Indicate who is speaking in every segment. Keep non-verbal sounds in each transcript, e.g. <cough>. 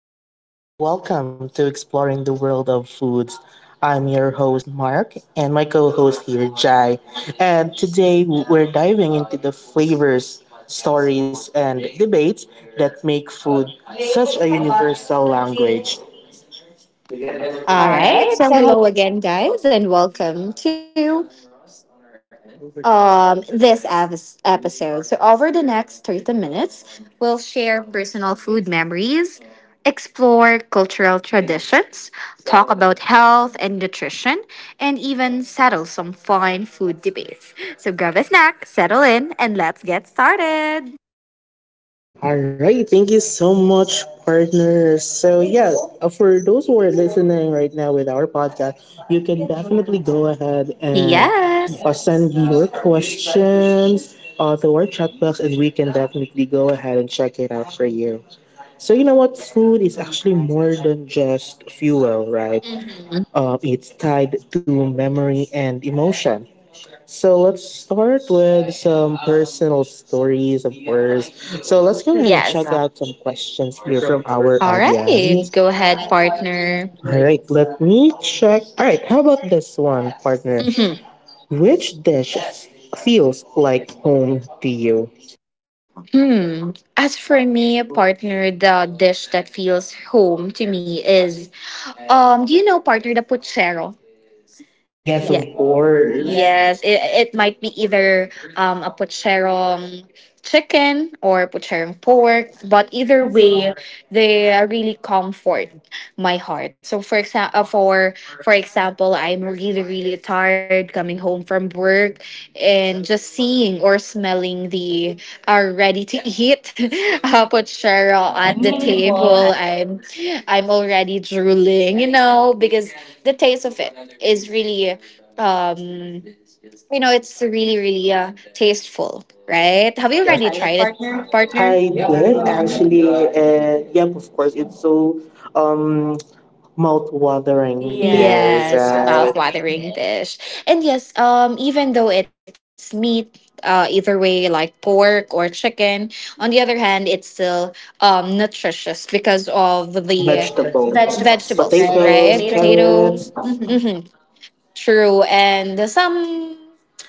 Speaker 1: Hello and welcome to Exploring the World of Foods. I'm your host, Mark, and my co host here, Jai. And today we're diving into the flavors, stories, and debates that make food such a universal language. All
Speaker 2: All
Speaker 1: right.
Speaker 2: right. So, hello again, guys, and welcome to this episode. So, over the next 30 minutes, we'll share personal food memories, explore cultural traditions, talk about health and nutrition, and even settle some fine food debates. So, grab a snack, settle in, and let's get started.
Speaker 1: All right, thank you so much, partner. So, yeah, for those who are listening right now with our podcast, you can definitely go ahead and
Speaker 2: Yes.
Speaker 1: send your questions to our chat box, and we can definitely go ahead and check it out for you. So, you know what? Food is actually more than just fuel, right?
Speaker 2: Mhm.
Speaker 1: It's tied to memory and emotion. So let's start with some personal stories, of course. So let's go ahead and
Speaker 2: Yes.
Speaker 1: check out some questions here from our
Speaker 2: All right.
Speaker 1: audience.
Speaker 2: Go ahead, partner.
Speaker 1: All right, let me check. All right, how about this one, partner?
Speaker 2: Hmm.
Speaker 1: Which feels like home to you?
Speaker 2: Hmm. As for me, partner, the dish that feels home to me is, do you know partner the puchero? Yeah.
Speaker 1: Yes, of course.
Speaker 2: Yes,
Speaker 1: Yes.
Speaker 2: it might be either a pucherong chicken or pucherong pork, but
Speaker 1: But
Speaker 2: either
Speaker 1: either way,
Speaker 2: way, they really comfort my heart. So for example, for example, I'm really tired coming home from work, and just seeing or smelling the ready to eat <laughs>
Speaker 1: we're all
Speaker 2: pucherong
Speaker 1: at the
Speaker 2: at the
Speaker 1: table. And
Speaker 2: table, I'm already drooling, you know, because the taste of it is really um you know it's really tasteful, right?
Speaker 1: have you,
Speaker 2: Have
Speaker 1: yeah,
Speaker 2: you
Speaker 1: already
Speaker 2: already
Speaker 1: tried it,
Speaker 2: tried it,
Speaker 1: partner?
Speaker 2: partner?
Speaker 1: I did actually, and yep, of course, it's so um mouth-watering. Yeah. There's
Speaker 2: Yes, mouth-watering
Speaker 1: mouth-watering.
Speaker 2: dish. And yes, even though it's meat, either way like pork or chicken, on the other hand it's still nutritious because of
Speaker 1: The
Speaker 2: the
Speaker 1: vegetables. Right?
Speaker 2: vegetables,
Speaker 1: Potatoes,
Speaker 2: right?
Speaker 1: right?
Speaker 2: Potato.
Speaker 1: Carrots. Mhm.
Speaker 2: Mm-hmm. True, and some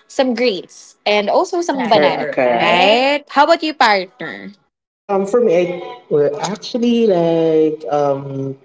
Speaker 2: greens and also some
Speaker 1: Banana. Carrot,
Speaker 2: banana,
Speaker 1: carrot. Right?
Speaker 2: right? How about you, partner?
Speaker 1: For me, I are actually like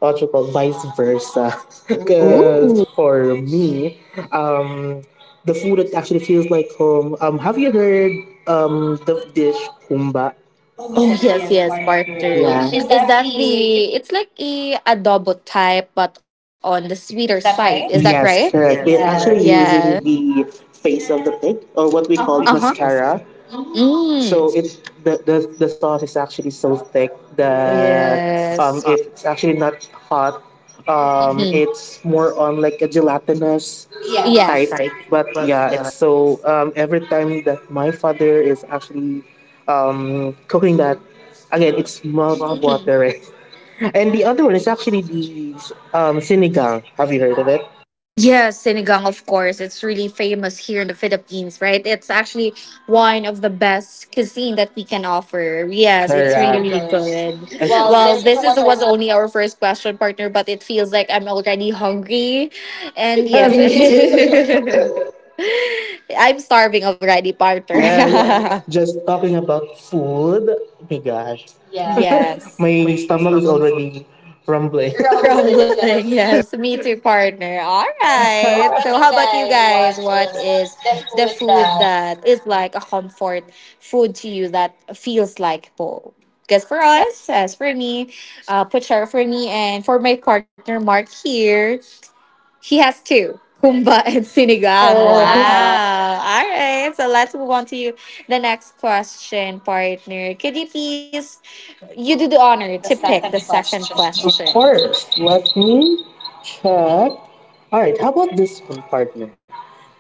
Speaker 1: what you call vice versa, <laughs> because
Speaker 2: Oh,
Speaker 1: for me, um, the food that actually feels like home. Have you heard the dish kumba? Oh
Speaker 2: oh
Speaker 1: yes,
Speaker 2: yes,
Speaker 1: yes,
Speaker 2: yes,
Speaker 1: barbecue.
Speaker 2: barter.
Speaker 1: Yeah. Is
Speaker 2: Is
Speaker 1: that
Speaker 2: that
Speaker 1: the—
Speaker 2: the? It's like a adobo type, but on the sweeter
Speaker 1: is
Speaker 2: side.
Speaker 1: that
Speaker 2: Is that
Speaker 1: right?
Speaker 2: right?
Speaker 1: Yes,
Speaker 2: Yes,
Speaker 1: correct.
Speaker 2: correct.
Speaker 1: We're actually, yes,
Speaker 2: Yeah.
Speaker 1: using the face of the pig, or what we
Speaker 2: What we.
Speaker 1: call,
Speaker 2: Uh
Speaker 1: uh-huh,
Speaker 2: huh.
Speaker 1: mascara.
Speaker 2: Mm.
Speaker 1: So it, the sauce is actually so thick that
Speaker 2: Yes.
Speaker 1: if it's actually not hot,
Speaker 2: Mhm.
Speaker 1: it's more on like a gelatinous, yes,
Speaker 2: Yes.
Speaker 1: type. But yeah, it's so every time that my father is actually cooking that, again it's mouth
Speaker 2: Mhm.
Speaker 1: watering. And the other one is actually the sinigang. Have you heard of it?
Speaker 2: Yes, sinigang, of course. It's really famous here in the Philippines, right? It's actually one of the best cuisine that we can offer.
Speaker 1: Yes, it's
Speaker 2: Yes,
Speaker 1: really,
Speaker 2: it's really,
Speaker 1: correct,
Speaker 2: really good.
Speaker 1: good. As— well,
Speaker 2: Well,
Speaker 1: this is
Speaker 2: this is
Speaker 1: was
Speaker 2: was
Speaker 1: only
Speaker 2: only our first question, partner, but it feels like I'm already hungry.
Speaker 1: <laughs>
Speaker 2: And
Speaker 1: yes, yeah,
Speaker 2: yes,
Speaker 1: me too.
Speaker 2: <laughs> I'm starving already,
Speaker 1: <laughs>
Speaker 2: partner.
Speaker 1: <laughs> yes. Yeah,
Speaker 2: <laughs>
Speaker 1: just talking about food. Oh my gosh, <laughs> yes.
Speaker 2: Yes.
Speaker 1: My stomach is already rumbling. <laughs> Rumbling. Yes.
Speaker 2: Grumbling,
Speaker 1: Me too.
Speaker 2: yes. Me too, partner. All
Speaker 1: So how
Speaker 2: right.
Speaker 1: about
Speaker 2: So,
Speaker 1: you
Speaker 2: how about you
Speaker 1: guys? What
Speaker 2: guys?
Speaker 1: is
Speaker 2: What is
Speaker 1: the
Speaker 2: the
Speaker 1: food
Speaker 2: food
Speaker 1: that
Speaker 2: that is like a comfort food to you that feels like home?
Speaker 1: is for
Speaker 2: Because for
Speaker 1: us?
Speaker 2: us, as for me, Puchar for me, and for my partner Mark here, he has two. Kumba <laughs> and
Speaker 1: Wow.
Speaker 2: sinigang.
Speaker 1: Yes.
Speaker 2: Wow. All right. So let's move on to the next question, partner. Could you please, you do the
Speaker 1: To
Speaker 2: honor
Speaker 1: pick
Speaker 2: to
Speaker 1: the
Speaker 2: pick the
Speaker 1: second
Speaker 2: second
Speaker 1: question. Of
Speaker 2: question.
Speaker 1: course. Let me check. All right, how about this one, partner?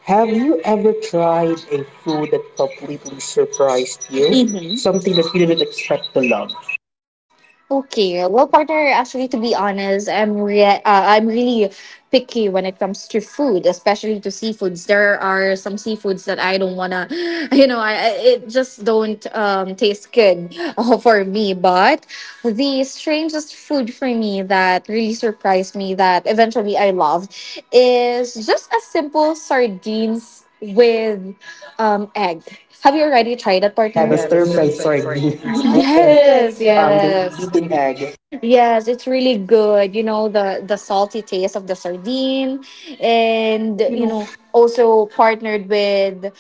Speaker 1: Have you ever tried a food that completely surprised you?
Speaker 2: Mm-hmm.
Speaker 1: Something that you didn't expect to love?
Speaker 2: Okay, well, partner, actually, to be honest, I'm really picky when it comes to food, especially to seafoods. There are some seafoods that I don't wanna, <laughs> <gasps> you know, it just don't taste good <laughs> for me. But the strangest food for me that really surprised me that eventually I loved is just a simple sardines with egg. Have you already tried that,
Speaker 1: Yeah,
Speaker 2: partner?
Speaker 1: the stir fried sardines <laughs> with, yes,
Speaker 2: Yes,
Speaker 1: the yes,
Speaker 2: yes.
Speaker 1: beaten egg.
Speaker 2: Yes, it's really good. You know, the salty taste of the sardine
Speaker 1: And
Speaker 2: and
Speaker 1: you
Speaker 2: you
Speaker 1: know.
Speaker 2: know, also partnered with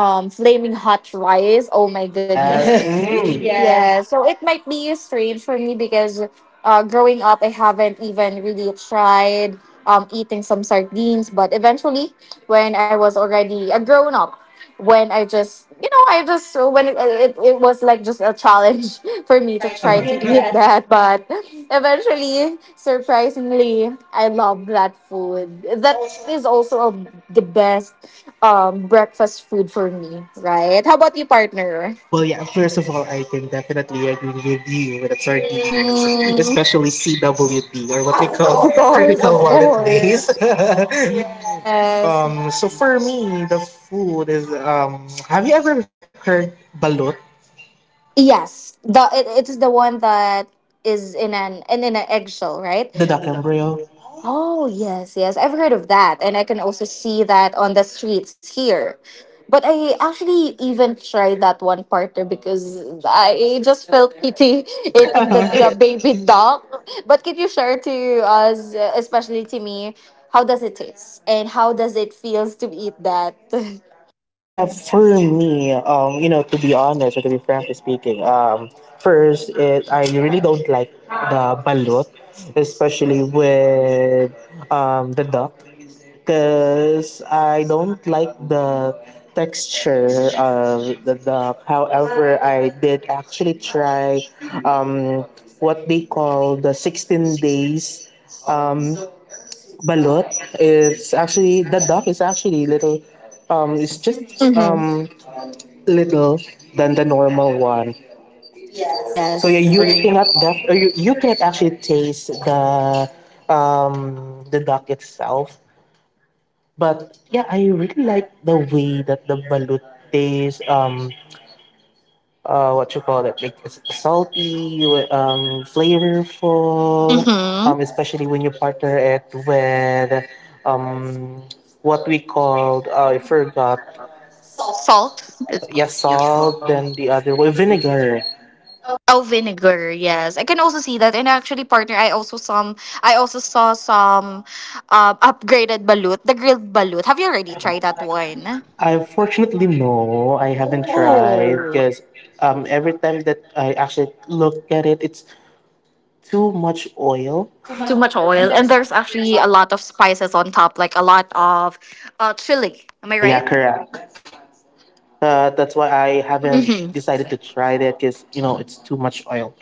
Speaker 2: flaming hot rice. Oh my goodness.
Speaker 1: Yes. Mm.
Speaker 2: <laughs>
Speaker 1: Yes.
Speaker 2: Yeah, so it might be strange for me because growing up, I haven't even really tried eating some sardines. But eventually, when I was already a grown up, when I just, you know, I just, so when it was like just a challenge <laughs> for me
Speaker 1: Try
Speaker 2: to
Speaker 1: to, uh-huh,
Speaker 2: try to
Speaker 1: read
Speaker 2: eat
Speaker 1: that.
Speaker 2: that. But eventually, surprisingly, I love that food.
Speaker 1: That is
Speaker 2: That
Speaker 1: also—
Speaker 2: is also a, the best breakfast food for me, right? How about you, partner?
Speaker 1: well, yeah, first of all, I can definitely agree with you with sardines,
Speaker 2: Mm.
Speaker 1: especially CWD or what we
Speaker 2: Of
Speaker 1: call
Speaker 2: course, of
Speaker 1: critical wallet days.
Speaker 2: course.
Speaker 1: <laughs>
Speaker 2: Yes.
Speaker 1: So for me, the food is have you ever heard balut?
Speaker 2: Yes. The it is the one that is in an in an eggshell, right?
Speaker 1: Yep, the duck embryo.
Speaker 2: Oh yes, yes. I've heard of that. And I can also see that on the streets here. But I actually even tried that one, partner, because I just felt pity <laughs> eating the
Speaker 1: <laughs>
Speaker 2: baby dog. But can you share to us, especially to me, how does it taste and how does it feels to eat that? <laughs>
Speaker 1: Yeah, for me, you know, to be honest or to be frankly speaking, first, I really don't like the balut, especially with the duck, because I don't like the texture of the duck. However, I did actually try um, what they call the 16 days um, balut. It's actually, the duck is actually little, it's just
Speaker 2: Mm-hmm.
Speaker 1: little than the normal one. So yeah,
Speaker 2: Yes.
Speaker 1: you cannot def- or you cannot actually taste the duck itself, but yeah, I really like the way that the balut tastes. What you call it? Like it's salty, flavorful.
Speaker 2: Mm-hmm.
Speaker 1: Especially when you partner it with um, what we called, I forgot.
Speaker 2: Salt. It's-
Speaker 1: Yeah, salt. Then the other one, vinegar.
Speaker 2: Oh, vinegar. Yes, I can also see that. And actually, partner, I also saw some, upgraded balut, the grilled balut. Have you already tried that one?
Speaker 1: I, fortunately no, I haven't tried
Speaker 2: Oh,
Speaker 1: because every time that I actually look at it, it's too much oil.
Speaker 2: too much oil, and there's actually a lot of spices on top, like a lot of, chili. Am I
Speaker 1: Yeah, yeah,
Speaker 2: right?
Speaker 1: correct. That's why I haven't decided to try that because you know it's too much oil.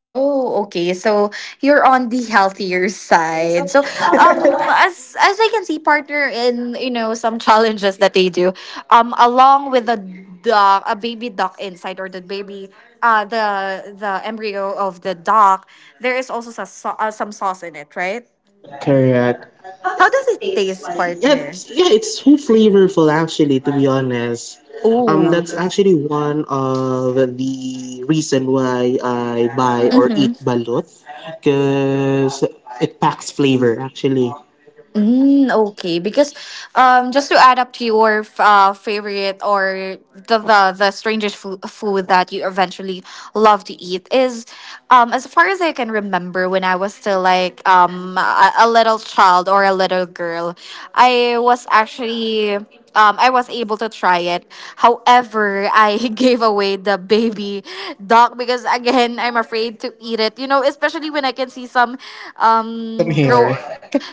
Speaker 2: Oh, okay. So you're on the healthier side. So um as I can see partner in you know some challenges that they do along with the duck, a baby duck inside, or the baby the embryo of the duck, there is also some sauce in it, right?
Speaker 1: Yeah, correct.
Speaker 2: How does it taste,
Speaker 1: Yeah,
Speaker 2: partner?
Speaker 1: it's, yeah, it's so flavorful actually. To be honest,
Speaker 2: Oh.
Speaker 1: that's actually one of the reason why I buy or eat balut because it packs flavor actually.
Speaker 2: Mm, okay, because just to add up to your favorite or the strangest food that you eventually love to eat is, as far as I can remember, when I was still like a little child or a little girl, I was actually I was able to try it. However, I <laughs> gave away the baby duck because again, I'm afraid to eat it. You know, especially when I can see some
Speaker 1: Some here.
Speaker 2: grow.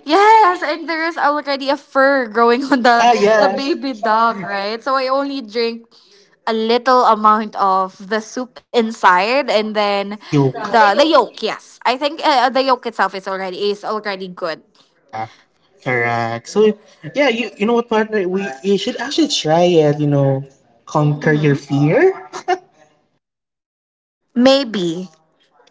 Speaker 2: Yes, and there is already a fur growing
Speaker 1: <laughs>
Speaker 2: on
Speaker 1: yeah,
Speaker 2: the
Speaker 1: yeah.
Speaker 2: baby duck, right? So I only drink a little amount of the soup inside, and then
Speaker 1: The yolk.
Speaker 2: the yolk. Yes, I think the yolk itself is already good.
Speaker 1: Yeah, correct. So yeah, you know what partner? We you should actually try it. You know, conquer your
Speaker 2: Mm-hmm.
Speaker 1: fear.
Speaker 2: Maybe,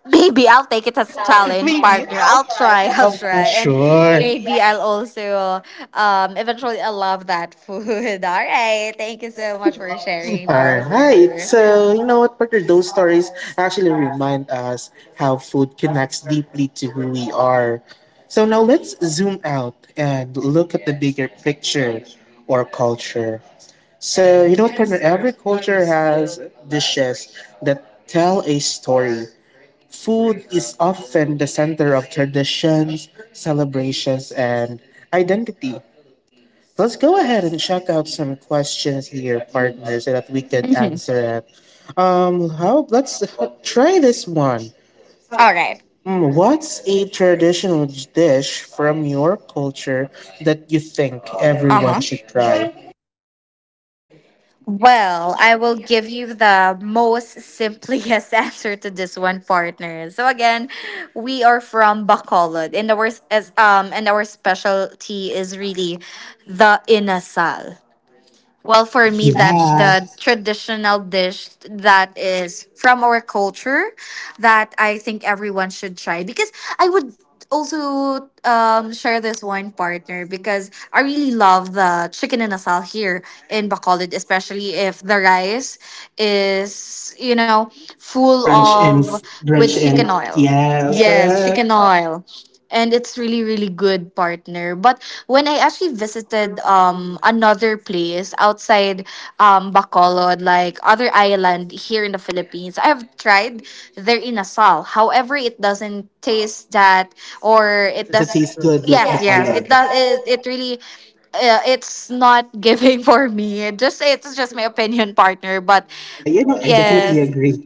Speaker 2: maybe I'll
Speaker 1: <laughs>
Speaker 2: take it as challenge,
Speaker 1: Maybe.
Speaker 2: partner. I'll try. <laughs> I'll try,
Speaker 1: Of
Speaker 2: and
Speaker 1: sure.
Speaker 2: maybe I'll also eventually I love that food. <laughs> All right, thank you so much for sharing,
Speaker 1: All right.
Speaker 2: partner.
Speaker 1: So you know what partner? Those stories actually remind us how food connects deeply to who we are. So now let's zoom out and look at the bigger picture or culture. So you know what, partner? Every culture has dishes that tell a story. Food is often the center of traditions, celebrations, and identity. Let's go ahead and check out some questions here, partner, so that we can
Speaker 2: Mhm.
Speaker 1: answer it. How? Let's try this one.
Speaker 2: All right.
Speaker 1: Mm, what's a traditional dish from your culture that you think
Speaker 2: Uh huh.
Speaker 1: everyone should try?
Speaker 2: Well, I will give you the most simplest <laughs> answer to this one, partner. So again, we are from Bacolod, and our s- as and our specialty is really the inasal. Well, for me, that's the traditional dish that is from our culture that I think everyone should try because I would also share this one, partner, because I really love the chicken and asal here in Bacolod, especially if the rice is, you know, full
Speaker 1: Drenched in,
Speaker 2: of with
Speaker 1: drenched in.
Speaker 2: chicken oil.
Speaker 1: Yes,
Speaker 2: Yes,
Speaker 1: correct.
Speaker 2: chicken oil, and it's really really good, partner. But when I actually visited another place outside Bacolod, like other island here in the Philippines, I've tried their inasal. However, it doesn't taste that,
Speaker 1: Does
Speaker 2: or
Speaker 1: it, does
Speaker 2: it
Speaker 1: it
Speaker 2: does.
Speaker 1: taste good like the
Speaker 2: Yes, yes,
Speaker 1: color?
Speaker 2: it does, it really it's not <laughs> giving for me. It's just my opinion, partner. But
Speaker 1: Mm, I— you know, I definitely
Speaker 2: yes,
Speaker 1: agree.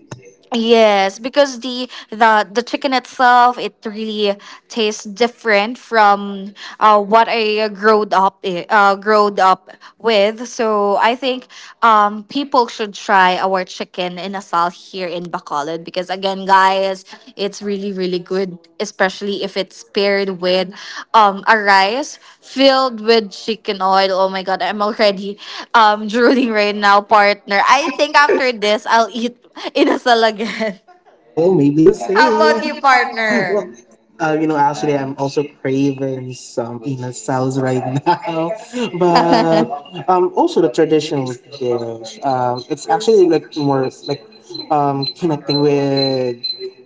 Speaker 2: yes, because the chicken itself it really tastes different from what growed up with. So I think people should try our chicken in Asal here in Bacolod because again, guys, it's really really good, especially if it's paired with a rice filled with chicken oil. Oh my god, I'm already <laughs> drooling right now, partner. I think after this I'll eat inasal again.
Speaker 1: <laughs> Well, maybe the
Speaker 2: <laughs> How about you,
Speaker 1: same. <laughs> Well,
Speaker 2: partner?
Speaker 1: you know, actually, I'm also craving some peanut sauce right now. <laughs>
Speaker 2: <laughs> Uh-huh.
Speaker 1: But also the traditional dish. It's actually like more like connecting with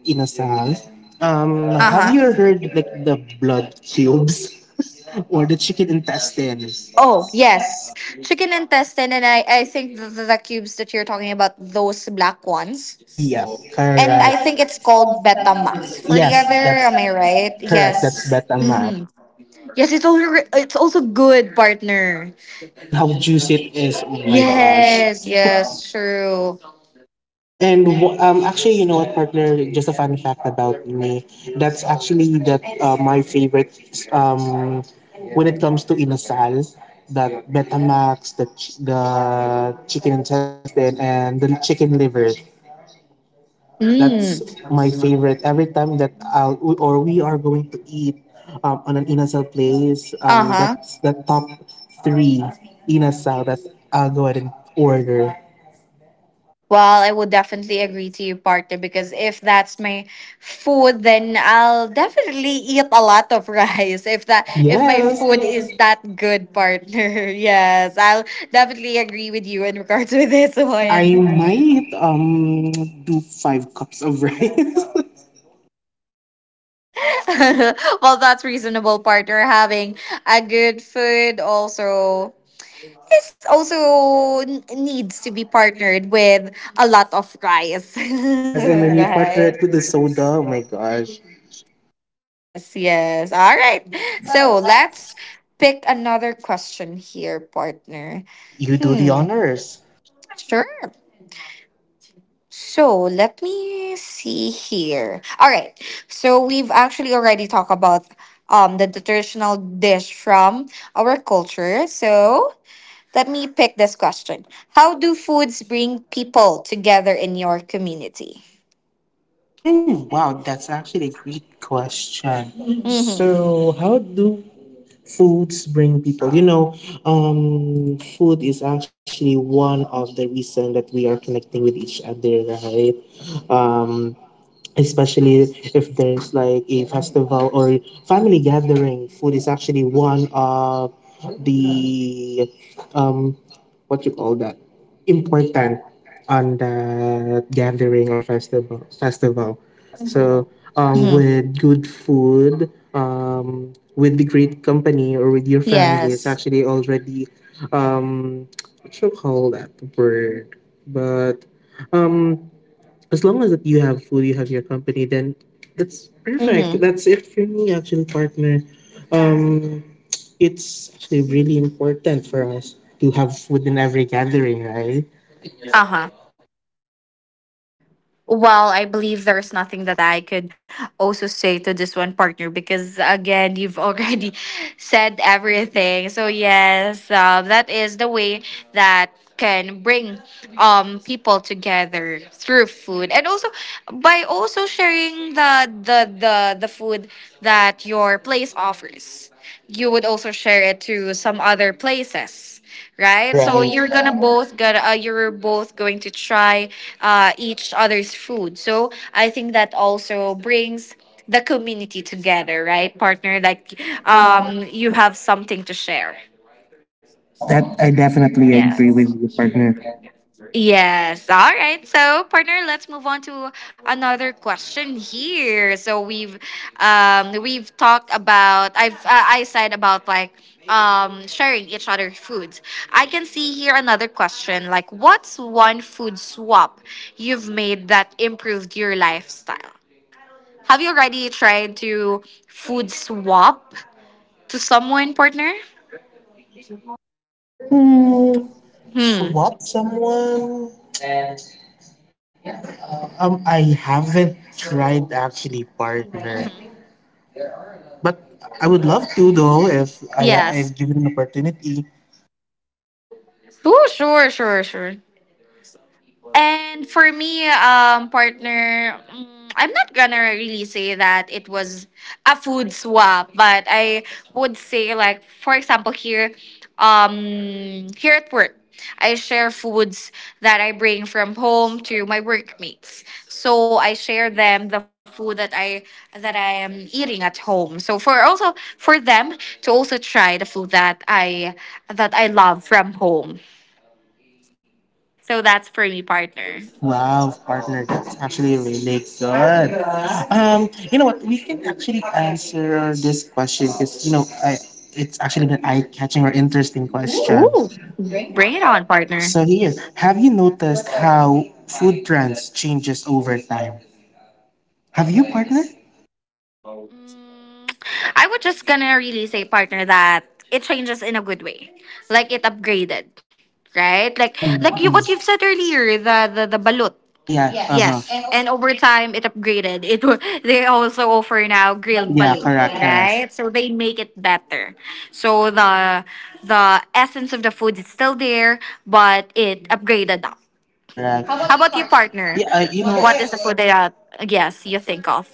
Speaker 1: inasal. Have you heard like the blood cubes? Or the chicken intestines.
Speaker 2: Oh, yes. Chicken intestine, and I think the cubes that you're talking about, those black ones.
Speaker 1: Yeah,
Speaker 2: And I
Speaker 1: correct.
Speaker 2: think it's called Betamax. For the
Speaker 1: Yes, that's
Speaker 2: other, am I right?
Speaker 1: correct. That's
Speaker 2: Yes.
Speaker 1: Batang Maap.
Speaker 2: Mm-hmm. Yes, it's also good, partner.
Speaker 1: Yep, and how juicy it is. Oh my gosh.
Speaker 2: Yes, yes, true.
Speaker 1: And actually, you know what, partner? Just a fun fact about me. That's actually that my favorite um, when it comes to inasal. That Betamax, the chicken intestine, and the chicken liver. That's
Speaker 2: Mm.
Speaker 1: my favorite. Every time that I'll or we are going to eat on an inasal place,
Speaker 2: Uh huh.
Speaker 1: that's the top three inasal that I'll go ahead and order.
Speaker 2: Well, I would definitely agree to you, partner, because if that's my food, then I'll definitely eat a lot of <laughs> rice. If that if my
Speaker 1: Yes,
Speaker 2: food is that good, partner, <laughs> yes, I'll definitely agree with you in regards to this
Speaker 1: I
Speaker 2: one.
Speaker 1: might do 5 cups of rice.
Speaker 2: <laughs> Well, that's reasonable, partner. Having a good food also, needs to be partnered with a lot of rice, <laughs>
Speaker 1: <laughs> Yes, and then you
Speaker 2: right?
Speaker 1: partner it with the soda. Oh my gosh.
Speaker 2: Yes, yes. All right. So let's pick another question here, partner.
Speaker 1: You do the
Speaker 2: Hmm,
Speaker 1: honors.
Speaker 2: sure. So let me see here. All right. So we've actually already talked about the traditional dish from our culture. So let me pick this question. How do foods bring people together in your community?
Speaker 1: Hmm, wow, that's actually a great question.
Speaker 2: Mm-hmm.
Speaker 1: So, how do foods bring people, you know, food is actually one of the reason that we are connecting with each other, right? um Especially if there's like a festival or family gathering, food is actually one of the um what you call that, important on that gathering or festival. Mm-hmm.
Speaker 2: Mm-hmm.
Speaker 1: So with good food, with the great company or with your family, is, yes,
Speaker 2: Yes.
Speaker 1: actually already um what you call that word. But um as long as that you have food, you have your company, then that's perfect.
Speaker 2: Mm-hmm.
Speaker 1: That's it for me, actually, partner. Um, it's actually really important for us to have food in every gathering, right?
Speaker 2: Uh-huh. Well, I believe there's nothing that I could also say to this one, partner, because again, you've already <laughs> said everything. So yes, that is the way that can bring people together through food, and also by also sharing the food that your place offers. You would also share it to some other places, right? So
Speaker 1: Right.
Speaker 2: you're gonna both got you're both going to try each other's food. So I think that also brings the community together, right, partner? Like you have something to share.
Speaker 1: Yep, that I definitely agree with you, partner.
Speaker 2: Yes. All right. So, partner, let's move on to another question here. So we've talked about I said about like sharing each other foods. I can see here another question like, what's one food swap you've made that improved your lifestyle? Have you already tried to food swap to someone, partner?
Speaker 1: Hmm,
Speaker 2: Hmm.
Speaker 1: swap someone? I haven't tried actually, partner. But I would love to though, if I,
Speaker 2: Yes.
Speaker 1: if given an opportunity.
Speaker 2: Oh, sure, sure, sure. And for me, partner, mm, I'm not gonna really say that it was a food swap, but I would say, like, for example, here, here at work, I share foods that I bring from home to my workmates. So I share them the food that I am eating at home. So for also for them to also try the food that I love from home. So that's for me, partner.
Speaker 1: Wow, partner, that's actually really good. You know what? We can actually answer this question because you know, I it's actually an eye-catching or interesting question.
Speaker 2: Ooh, bring it on, partner.
Speaker 1: So here, have you noticed how food trends changes over time? Have you, partner?
Speaker 2: I was just gonna really say, partner, that it changes in a good way, like it upgraded, right?
Speaker 1: Mhm,
Speaker 2: Like you,
Speaker 1: mhm.
Speaker 2: what you've said earlier, the balut.
Speaker 1: Yeah, yeah. Uh huh.
Speaker 2: Yes, and over time it upgraded. <laughs> They also offer now grilled
Speaker 1: Yeah,
Speaker 2: balut,
Speaker 1: correct, correct,
Speaker 2: right? So they make it better. So the essence of the food is still there, but it upgraded up.
Speaker 1: correct.
Speaker 2: How about you, partner?
Speaker 1: Yeah, I, you know,
Speaker 2: What is the food that yes you think of?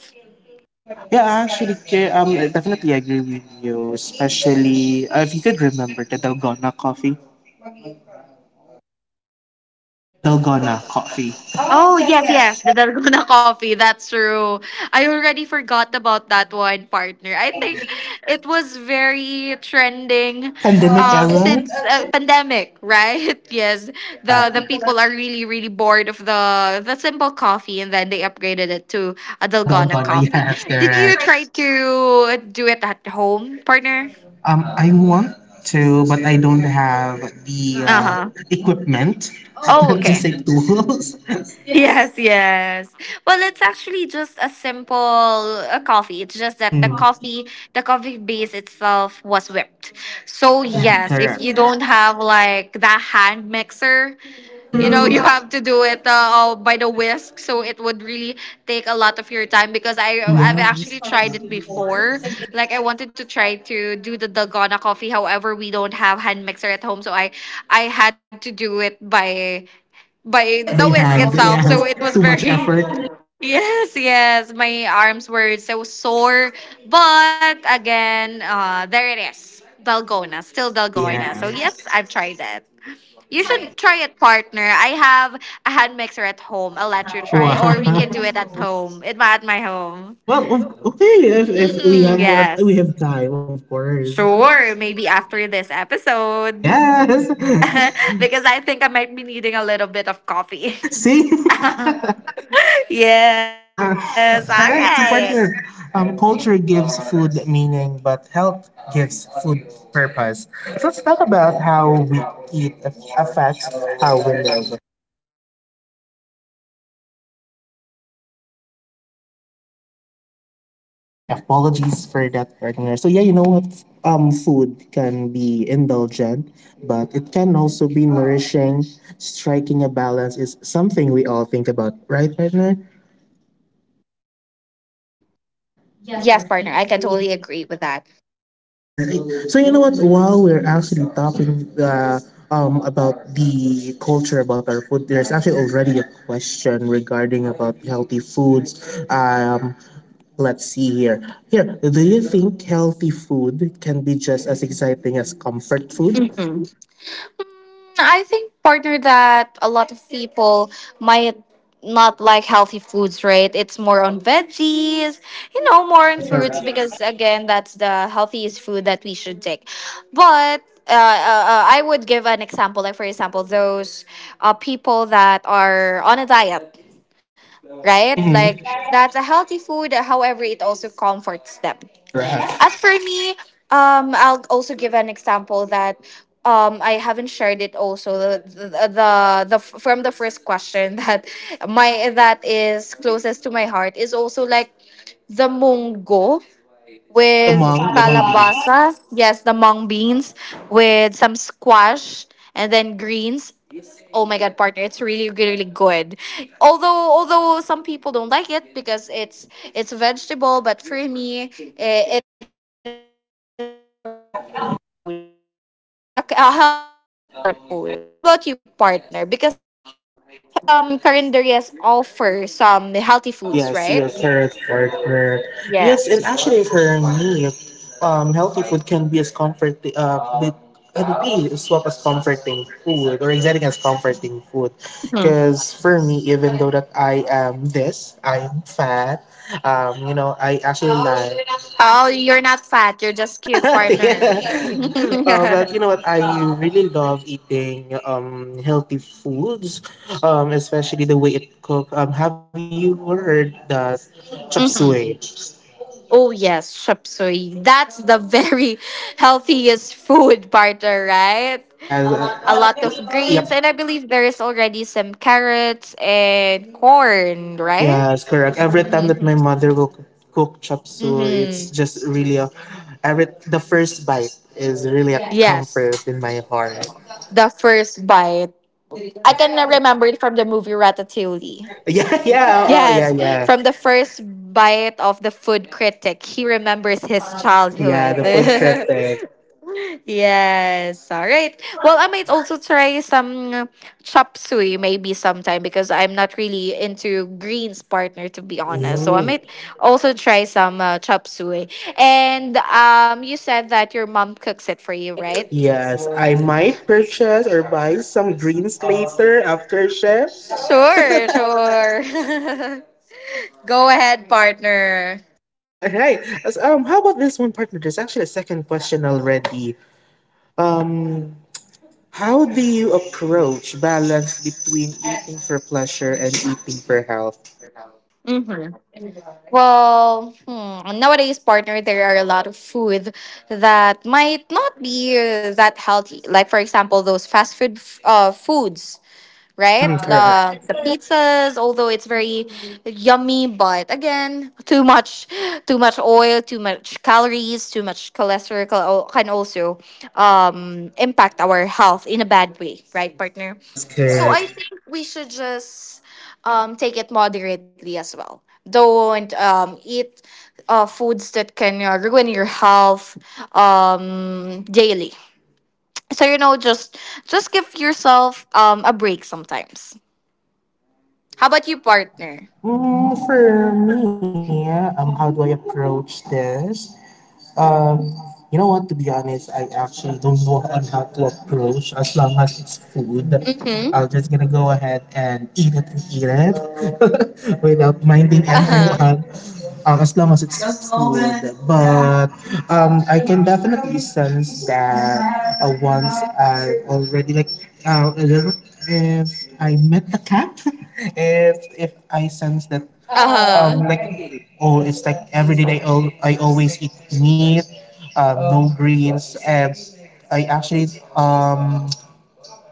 Speaker 1: yeah, actually, I definitely agree with you, especially if you could remember the Dalgona coffee.
Speaker 2: Oh, I'm sorry.
Speaker 1: The Dalgona coffee.
Speaker 2: Oh, yes, yes. The Dalgona <laughs> coffee. That's true. I already forgot about that one, partner. I think it was very trending
Speaker 1: Pandemic era?
Speaker 2: since pandemic, right? <laughs> Yes. The
Speaker 1: Yeah,
Speaker 2: the people are really really bored of the simple coffee and then they upgraded it to a
Speaker 1: the
Speaker 2: Dalgona
Speaker 1: Dalgona, <laughs> yeah,
Speaker 2: coffee.
Speaker 1: that's
Speaker 2: Did you
Speaker 1: correct.
Speaker 2: try to do it at home, partner?
Speaker 1: I want to, but I don't have the
Speaker 2: Uh-huh.
Speaker 1: equipment,
Speaker 2: Oh,
Speaker 1: <laughs>
Speaker 2: okay.
Speaker 1: just say tools. <laughs>
Speaker 2: Yes, yes. Well, it's actually just a simple coffee. It's just that
Speaker 1: Mhm,
Speaker 2: the coffee base itself was whipped. So, yes, if you
Speaker 1: correct.
Speaker 2: don't have like the hand mixer, you know, you
Speaker 1: True.
Speaker 2: have to do it all by the whisk. So, it would really take a lot of your time because I've actually
Speaker 1: Yes.
Speaker 2: tried it before. Like I wanted to try to do the Dalgona coffee. However, we don't have hand mixer at home, so I had to do it by
Speaker 1: By
Speaker 2: the whisk
Speaker 1: hand,
Speaker 2: itself.
Speaker 1: yes.
Speaker 2: So it was
Speaker 1: Too much
Speaker 2: very,
Speaker 1: effort.
Speaker 2: <laughs> yes, yes. My arms were so sore, but again, there it is, dalgona, still dalgona. So
Speaker 1: Yes.
Speaker 2: yes, I've tried it. You should try it, partner. I have a hand mixer at home. I'll let you try, or we can do
Speaker 1: Wow.
Speaker 2: it at
Speaker 1: <laughs>
Speaker 2: home. It at my home.
Speaker 1: Well, okay, if we
Speaker 2: Mm,
Speaker 1: have we
Speaker 2: yes.
Speaker 1: have time, of course.
Speaker 2: Sure, maybe after this episode. <laughs>
Speaker 1: Yes. <laughs>
Speaker 2: Because I think I might be needing a little bit of coffee.
Speaker 1: See? <laughs>
Speaker 2: <laughs> Yes, all
Speaker 1: Uh,
Speaker 2: right.
Speaker 1: all right, so partner. Culture gives food meaning, but health gives food purpose. So let's talk about how we affects how we live. All right, apologies for that, partner. So yeah, you know what? Food can be indulgent, but it can also be nourishing. Striking a balance is something we all think about, right, partner?
Speaker 2: Yes, partner, I can totally agree with that.
Speaker 1: All right. So you know what? While we're actually talking, about the culture about our food, there's actually already a question regarding about healthy foods. Um, Let's see here. Here, do you think healthy food can be just as exciting as comfort food?
Speaker 2: Mhm. I think, partner, that a lot of people might not like healthy foods, right? It's more on veggies, you know, more
Speaker 1: Mhm,
Speaker 2: on fruits
Speaker 1: correct.
Speaker 2: because, again, that's the healthiest food that we should take. But I would give an example, like, for example, those people that are on a diet, right?
Speaker 1: Mhm,
Speaker 2: Like, that's a healthy food, however, it also comforts them.
Speaker 1: correct.
Speaker 2: As for me, I'll also give an example that I haven't shared it also the from the first question <laughs> that my that is closest to my heart is also like the munggo
Speaker 1: Uh-huh,
Speaker 2: with
Speaker 1: the monk beast.
Speaker 2: calabasa. Yes, the mung beans with some squash and then greens. Oh my god, partner, it's really really good. Although some people don't like it because it's a vegetable, but for me, it is already a comfort food for me. So yes, a healthy comfort food. How about you, partner? Because some carinderias offer some healthy foods, right?
Speaker 1: Yes, your correct
Speaker 2: Yes.
Speaker 1: partner. Yes, and actually for me, healthy food can be as comforting. It would be as well as comforting food or exciting as comforting food. Because for me, even though that I am this, I am fat. You know, I actually like
Speaker 2: Oh, you're not fat. You're just cute,
Speaker 1: <laughs>
Speaker 2: partner.
Speaker 1: yeah. But
Speaker 2: <laughs>
Speaker 1: you know what? I really love eating healthy foods, especially the way it cooked. Have you heard the chop suey?
Speaker 2: Mhm. Oh, yes, shop suey. That's the very <laughs> healthiest food, partner, right?
Speaker 1: Yeah,
Speaker 2: A lot of
Speaker 1: yep.
Speaker 2: greens, and I believe there is already some carrots and corn,
Speaker 1: Yes,
Speaker 2: right?
Speaker 1: correct. Every time that my cook chop suey, it's just
Speaker 2: Mm-hmm.
Speaker 1: really a every, the first bite is really a
Speaker 2: Yes,
Speaker 1: comfort in my heart.
Speaker 2: the first bite. I can
Speaker 1: Yeah. <laughs>
Speaker 2: remember it from the movie Ratatouille.
Speaker 1: Yeah, yeah, oh, oh, yeah,
Speaker 2: Yes,
Speaker 1: yeah.
Speaker 2: from the first bite of the food critic, he remembers his
Speaker 1: Yeah, the
Speaker 2: childhood.
Speaker 1: food
Speaker 2: <laughs>
Speaker 1: critic.
Speaker 2: Yes, all right. Well, I might also try some chop suey maybe sometime because I'm not really into greens, partner, to be honest. So I might also try some chop suey. And you said that your mom cooks it for you, right?
Speaker 1: Yes, I might purchase or buy some greens later after chef. All
Speaker 2: Sure, sure. <laughs> Go ahead, partner.
Speaker 1: right. How about this one, partner? There's actually a second question already. Um, how do you approach balance between eating for pleasure and eating for health?
Speaker 2: Well, hmm, nowadays, partner, there are a lot of food that might not be that healthy. Like, for example, those foods right?
Speaker 1: Mhm, correct.
Speaker 2: The pizzas, although it's very yummy, but again, too much oil, too much calories, too much cholesterol al- can also impact our health in a bad way, right, partner?
Speaker 1: Yes,
Speaker 2: So I
Speaker 1: correct.
Speaker 2: think we should just take it moderately as well. Don't eat foods that can ruin your health daily. So you know, just give yourself a break sometimes. How about you, partner?
Speaker 1: Mm, for me, how do I approach this? Um, you know what? To be honest, I actually don't know on how to approach. As long as it's food, I'm
Speaker 2: Mm-hmm.
Speaker 1: just gonna go ahead and eat it <laughs> without minding
Speaker 2: Uh-huh.
Speaker 1: everyone. As long as it's food, but I can definitely sense that once I already like if I met the cat, <laughs> if I sense that
Speaker 2: Uh-huh.
Speaker 1: like oh it's like every day I always eat meat no greens and I actually um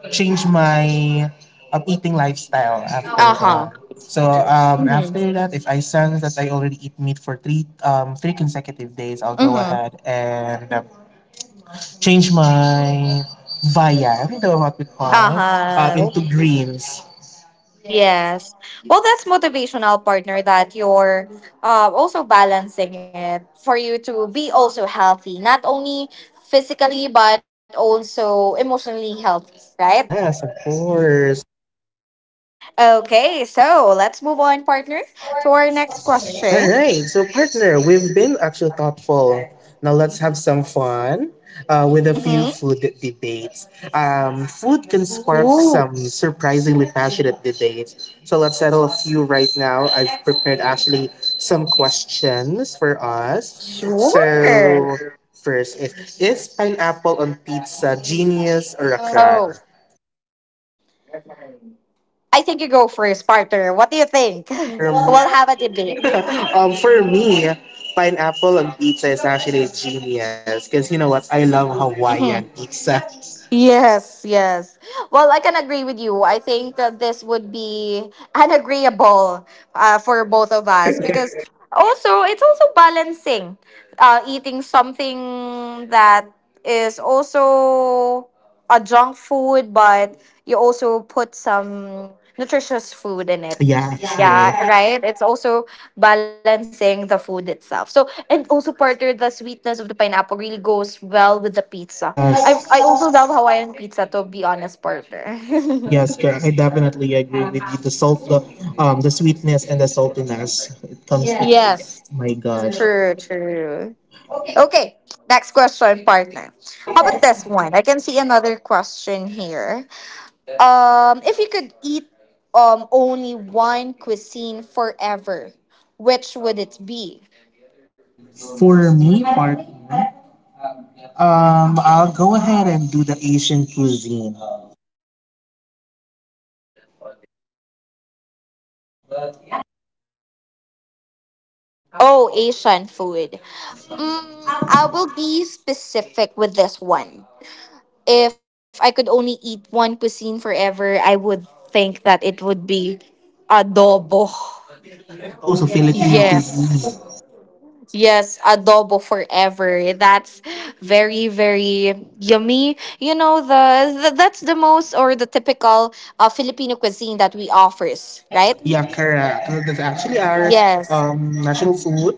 Speaker 1: changed my eating lifestyle after that.
Speaker 2: Uh-huh.
Speaker 1: So
Speaker 2: Mm-hmm.
Speaker 1: after that if I sense that I already eat meat for 3 consecutive days, I'll go
Speaker 2: Mm-hmm.
Speaker 1: ahead and change my viand or what we call
Speaker 2: Uh-huh.
Speaker 1: into greens.
Speaker 2: Yes. Well, that's motivational, partner, that you're also balancing it for you to be also healthy, not only physically, but also emotionally healthy, right?
Speaker 1: Yes, of course.
Speaker 2: Okay, so let's move on, partner, to our next
Speaker 1: All
Speaker 2: question.
Speaker 1: right, so partner, we've been actually thoughtful. Now let's have some fun with a few
Speaker 2: Mm-hmm.
Speaker 1: food debates. Food can spark some surprisingly passionate debates. So let's settle a few right now. I've prepared actually some questions for us.
Speaker 2: Sure.
Speaker 1: So first is pineapple on pizza genius or a crime?
Speaker 2: Oh, I think you go first, partner. What do you think?
Speaker 1: For
Speaker 2: <laughs> We'll have a debate.
Speaker 1: <laughs> for me, pineapple on pizza is actually genius because you know what? I love Hawaiian
Speaker 2: Mhm.
Speaker 1: pizza. <laughs>
Speaker 2: Yes, yes. Well, I can agree with you. I think that this would be an agreeable for both of us because also it's also balancing eating something that is also a junk food, but you also put some nutritious food in it.
Speaker 1: Yeah, true.
Speaker 2: Yeah, right. It's also balancing the food itself. So and also partner the sweetness of the pineapple really goes well with the pizza. I
Speaker 1: Yes,
Speaker 2: also love Hawaiian pizza to be honest, partner. <laughs>
Speaker 1: yes, correct. I definitely agree with you. The sweetness and the saltiness, it comes together. Yeah.
Speaker 2: Yes.
Speaker 1: My gosh.
Speaker 2: True, true. Okay, next question, partner. How about this one? I can see another question here. If you could eat only one cuisine forever, which would it be?
Speaker 1: For me, partner, I'll go ahead and do the Asian cuisine.
Speaker 2: Oh, Asian food.
Speaker 1: Yep.
Speaker 2: Mm, I will be specific with this one. If I could only eat one cuisine forever, I would think that it would be adobo.
Speaker 1: Also, also Filipino
Speaker 2: Yes.
Speaker 1: cuisine.
Speaker 2: Yes, adobo forever. That's very very yummy. You know the that's the most or the typical Filipino cuisine that we offers, right?
Speaker 1: Yeah, correct. That's actually our
Speaker 2: Yes.
Speaker 1: national food.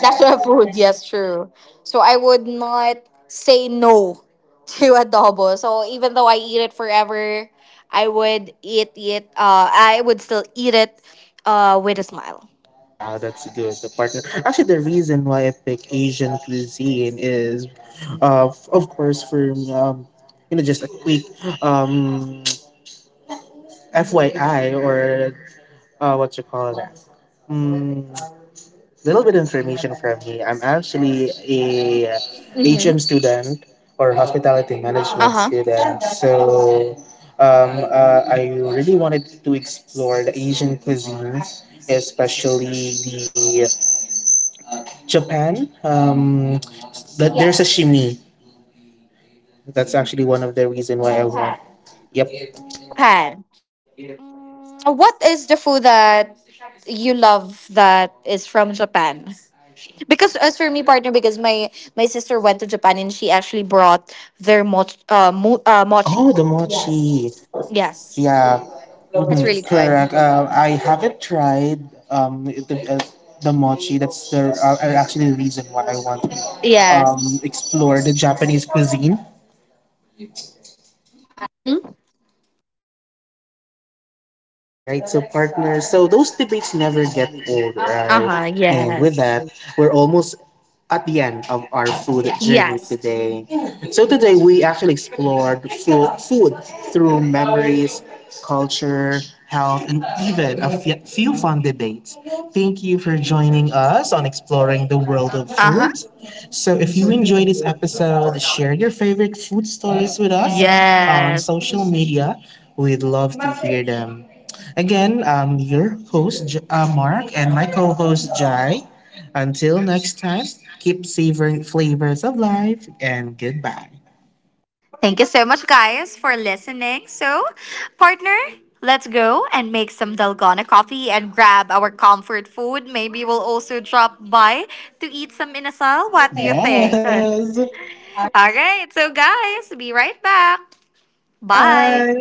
Speaker 2: National food, yes, true. So I would not say no <laughs> to adobo. So even though I eat it forever, I would eat it. I would still eat it, with a smile.
Speaker 1: Wow, that's good. The partner. Actually, the reason why I pick Asian cuisine is, of course, for you know, just a quick um, <tsk> FYI or what you call that? Mm, little bit information from me. I'm actually a HM
Speaker 2: Mm-hmm.
Speaker 1: student or hospitality
Speaker 2: Uh
Speaker 1: management
Speaker 2: huh.
Speaker 1: student. So, I really wanted to explore the Asian cuisine, especially the Japan, that there's a, yes,
Speaker 2: Yes,
Speaker 1: shimmy. That's actually one of the reason why I want.
Speaker 2: Japan.
Speaker 1: Yep.
Speaker 2: What is the food that you love that is from Japan? Because as for me, partner, because my sister went to Japan and she actually brought their mochi, mochi.
Speaker 1: Oh, the mochi.
Speaker 2: Yes,
Speaker 1: Yes. Yeah.
Speaker 2: it's really good.
Speaker 1: Mhm, correct. I haven't tried um the, uh, the mochi. That's the, actually the reason why I want to
Speaker 2: Yes.
Speaker 1: explore the Japanese cuisine.
Speaker 2: Mm-hmm.
Speaker 1: All right, so partners, so those debates never get old, right?
Speaker 2: Uh-huh.
Speaker 1: And with
Speaker 2: Yes.
Speaker 1: that, we're almost at the end of our food journey
Speaker 2: Yes.
Speaker 1: today. So today we actually explored food through memories, culture, health, and even a few fun debates. Thank you for joining us on exploring the world of
Speaker 2: Uh-huh.
Speaker 1: food. So if you enjoyed this episode, share your favorite food stories with us on
Speaker 2: Yes.
Speaker 1: social media. We'd love to hear them. Again, I'm your host, Mark, and my co host, Jai. Until next time, keep savoring flavors of life and goodbye.
Speaker 2: Thank you so much, guys, for listening. So, partner, let's go and make some dalgona coffee and grab our comfort food. Maybe we'll also drop by to eat some inasal. What do you think? Sure.
Speaker 1: Yes.
Speaker 2: All right, so guys, be right back. Bye.
Speaker 1: Bye.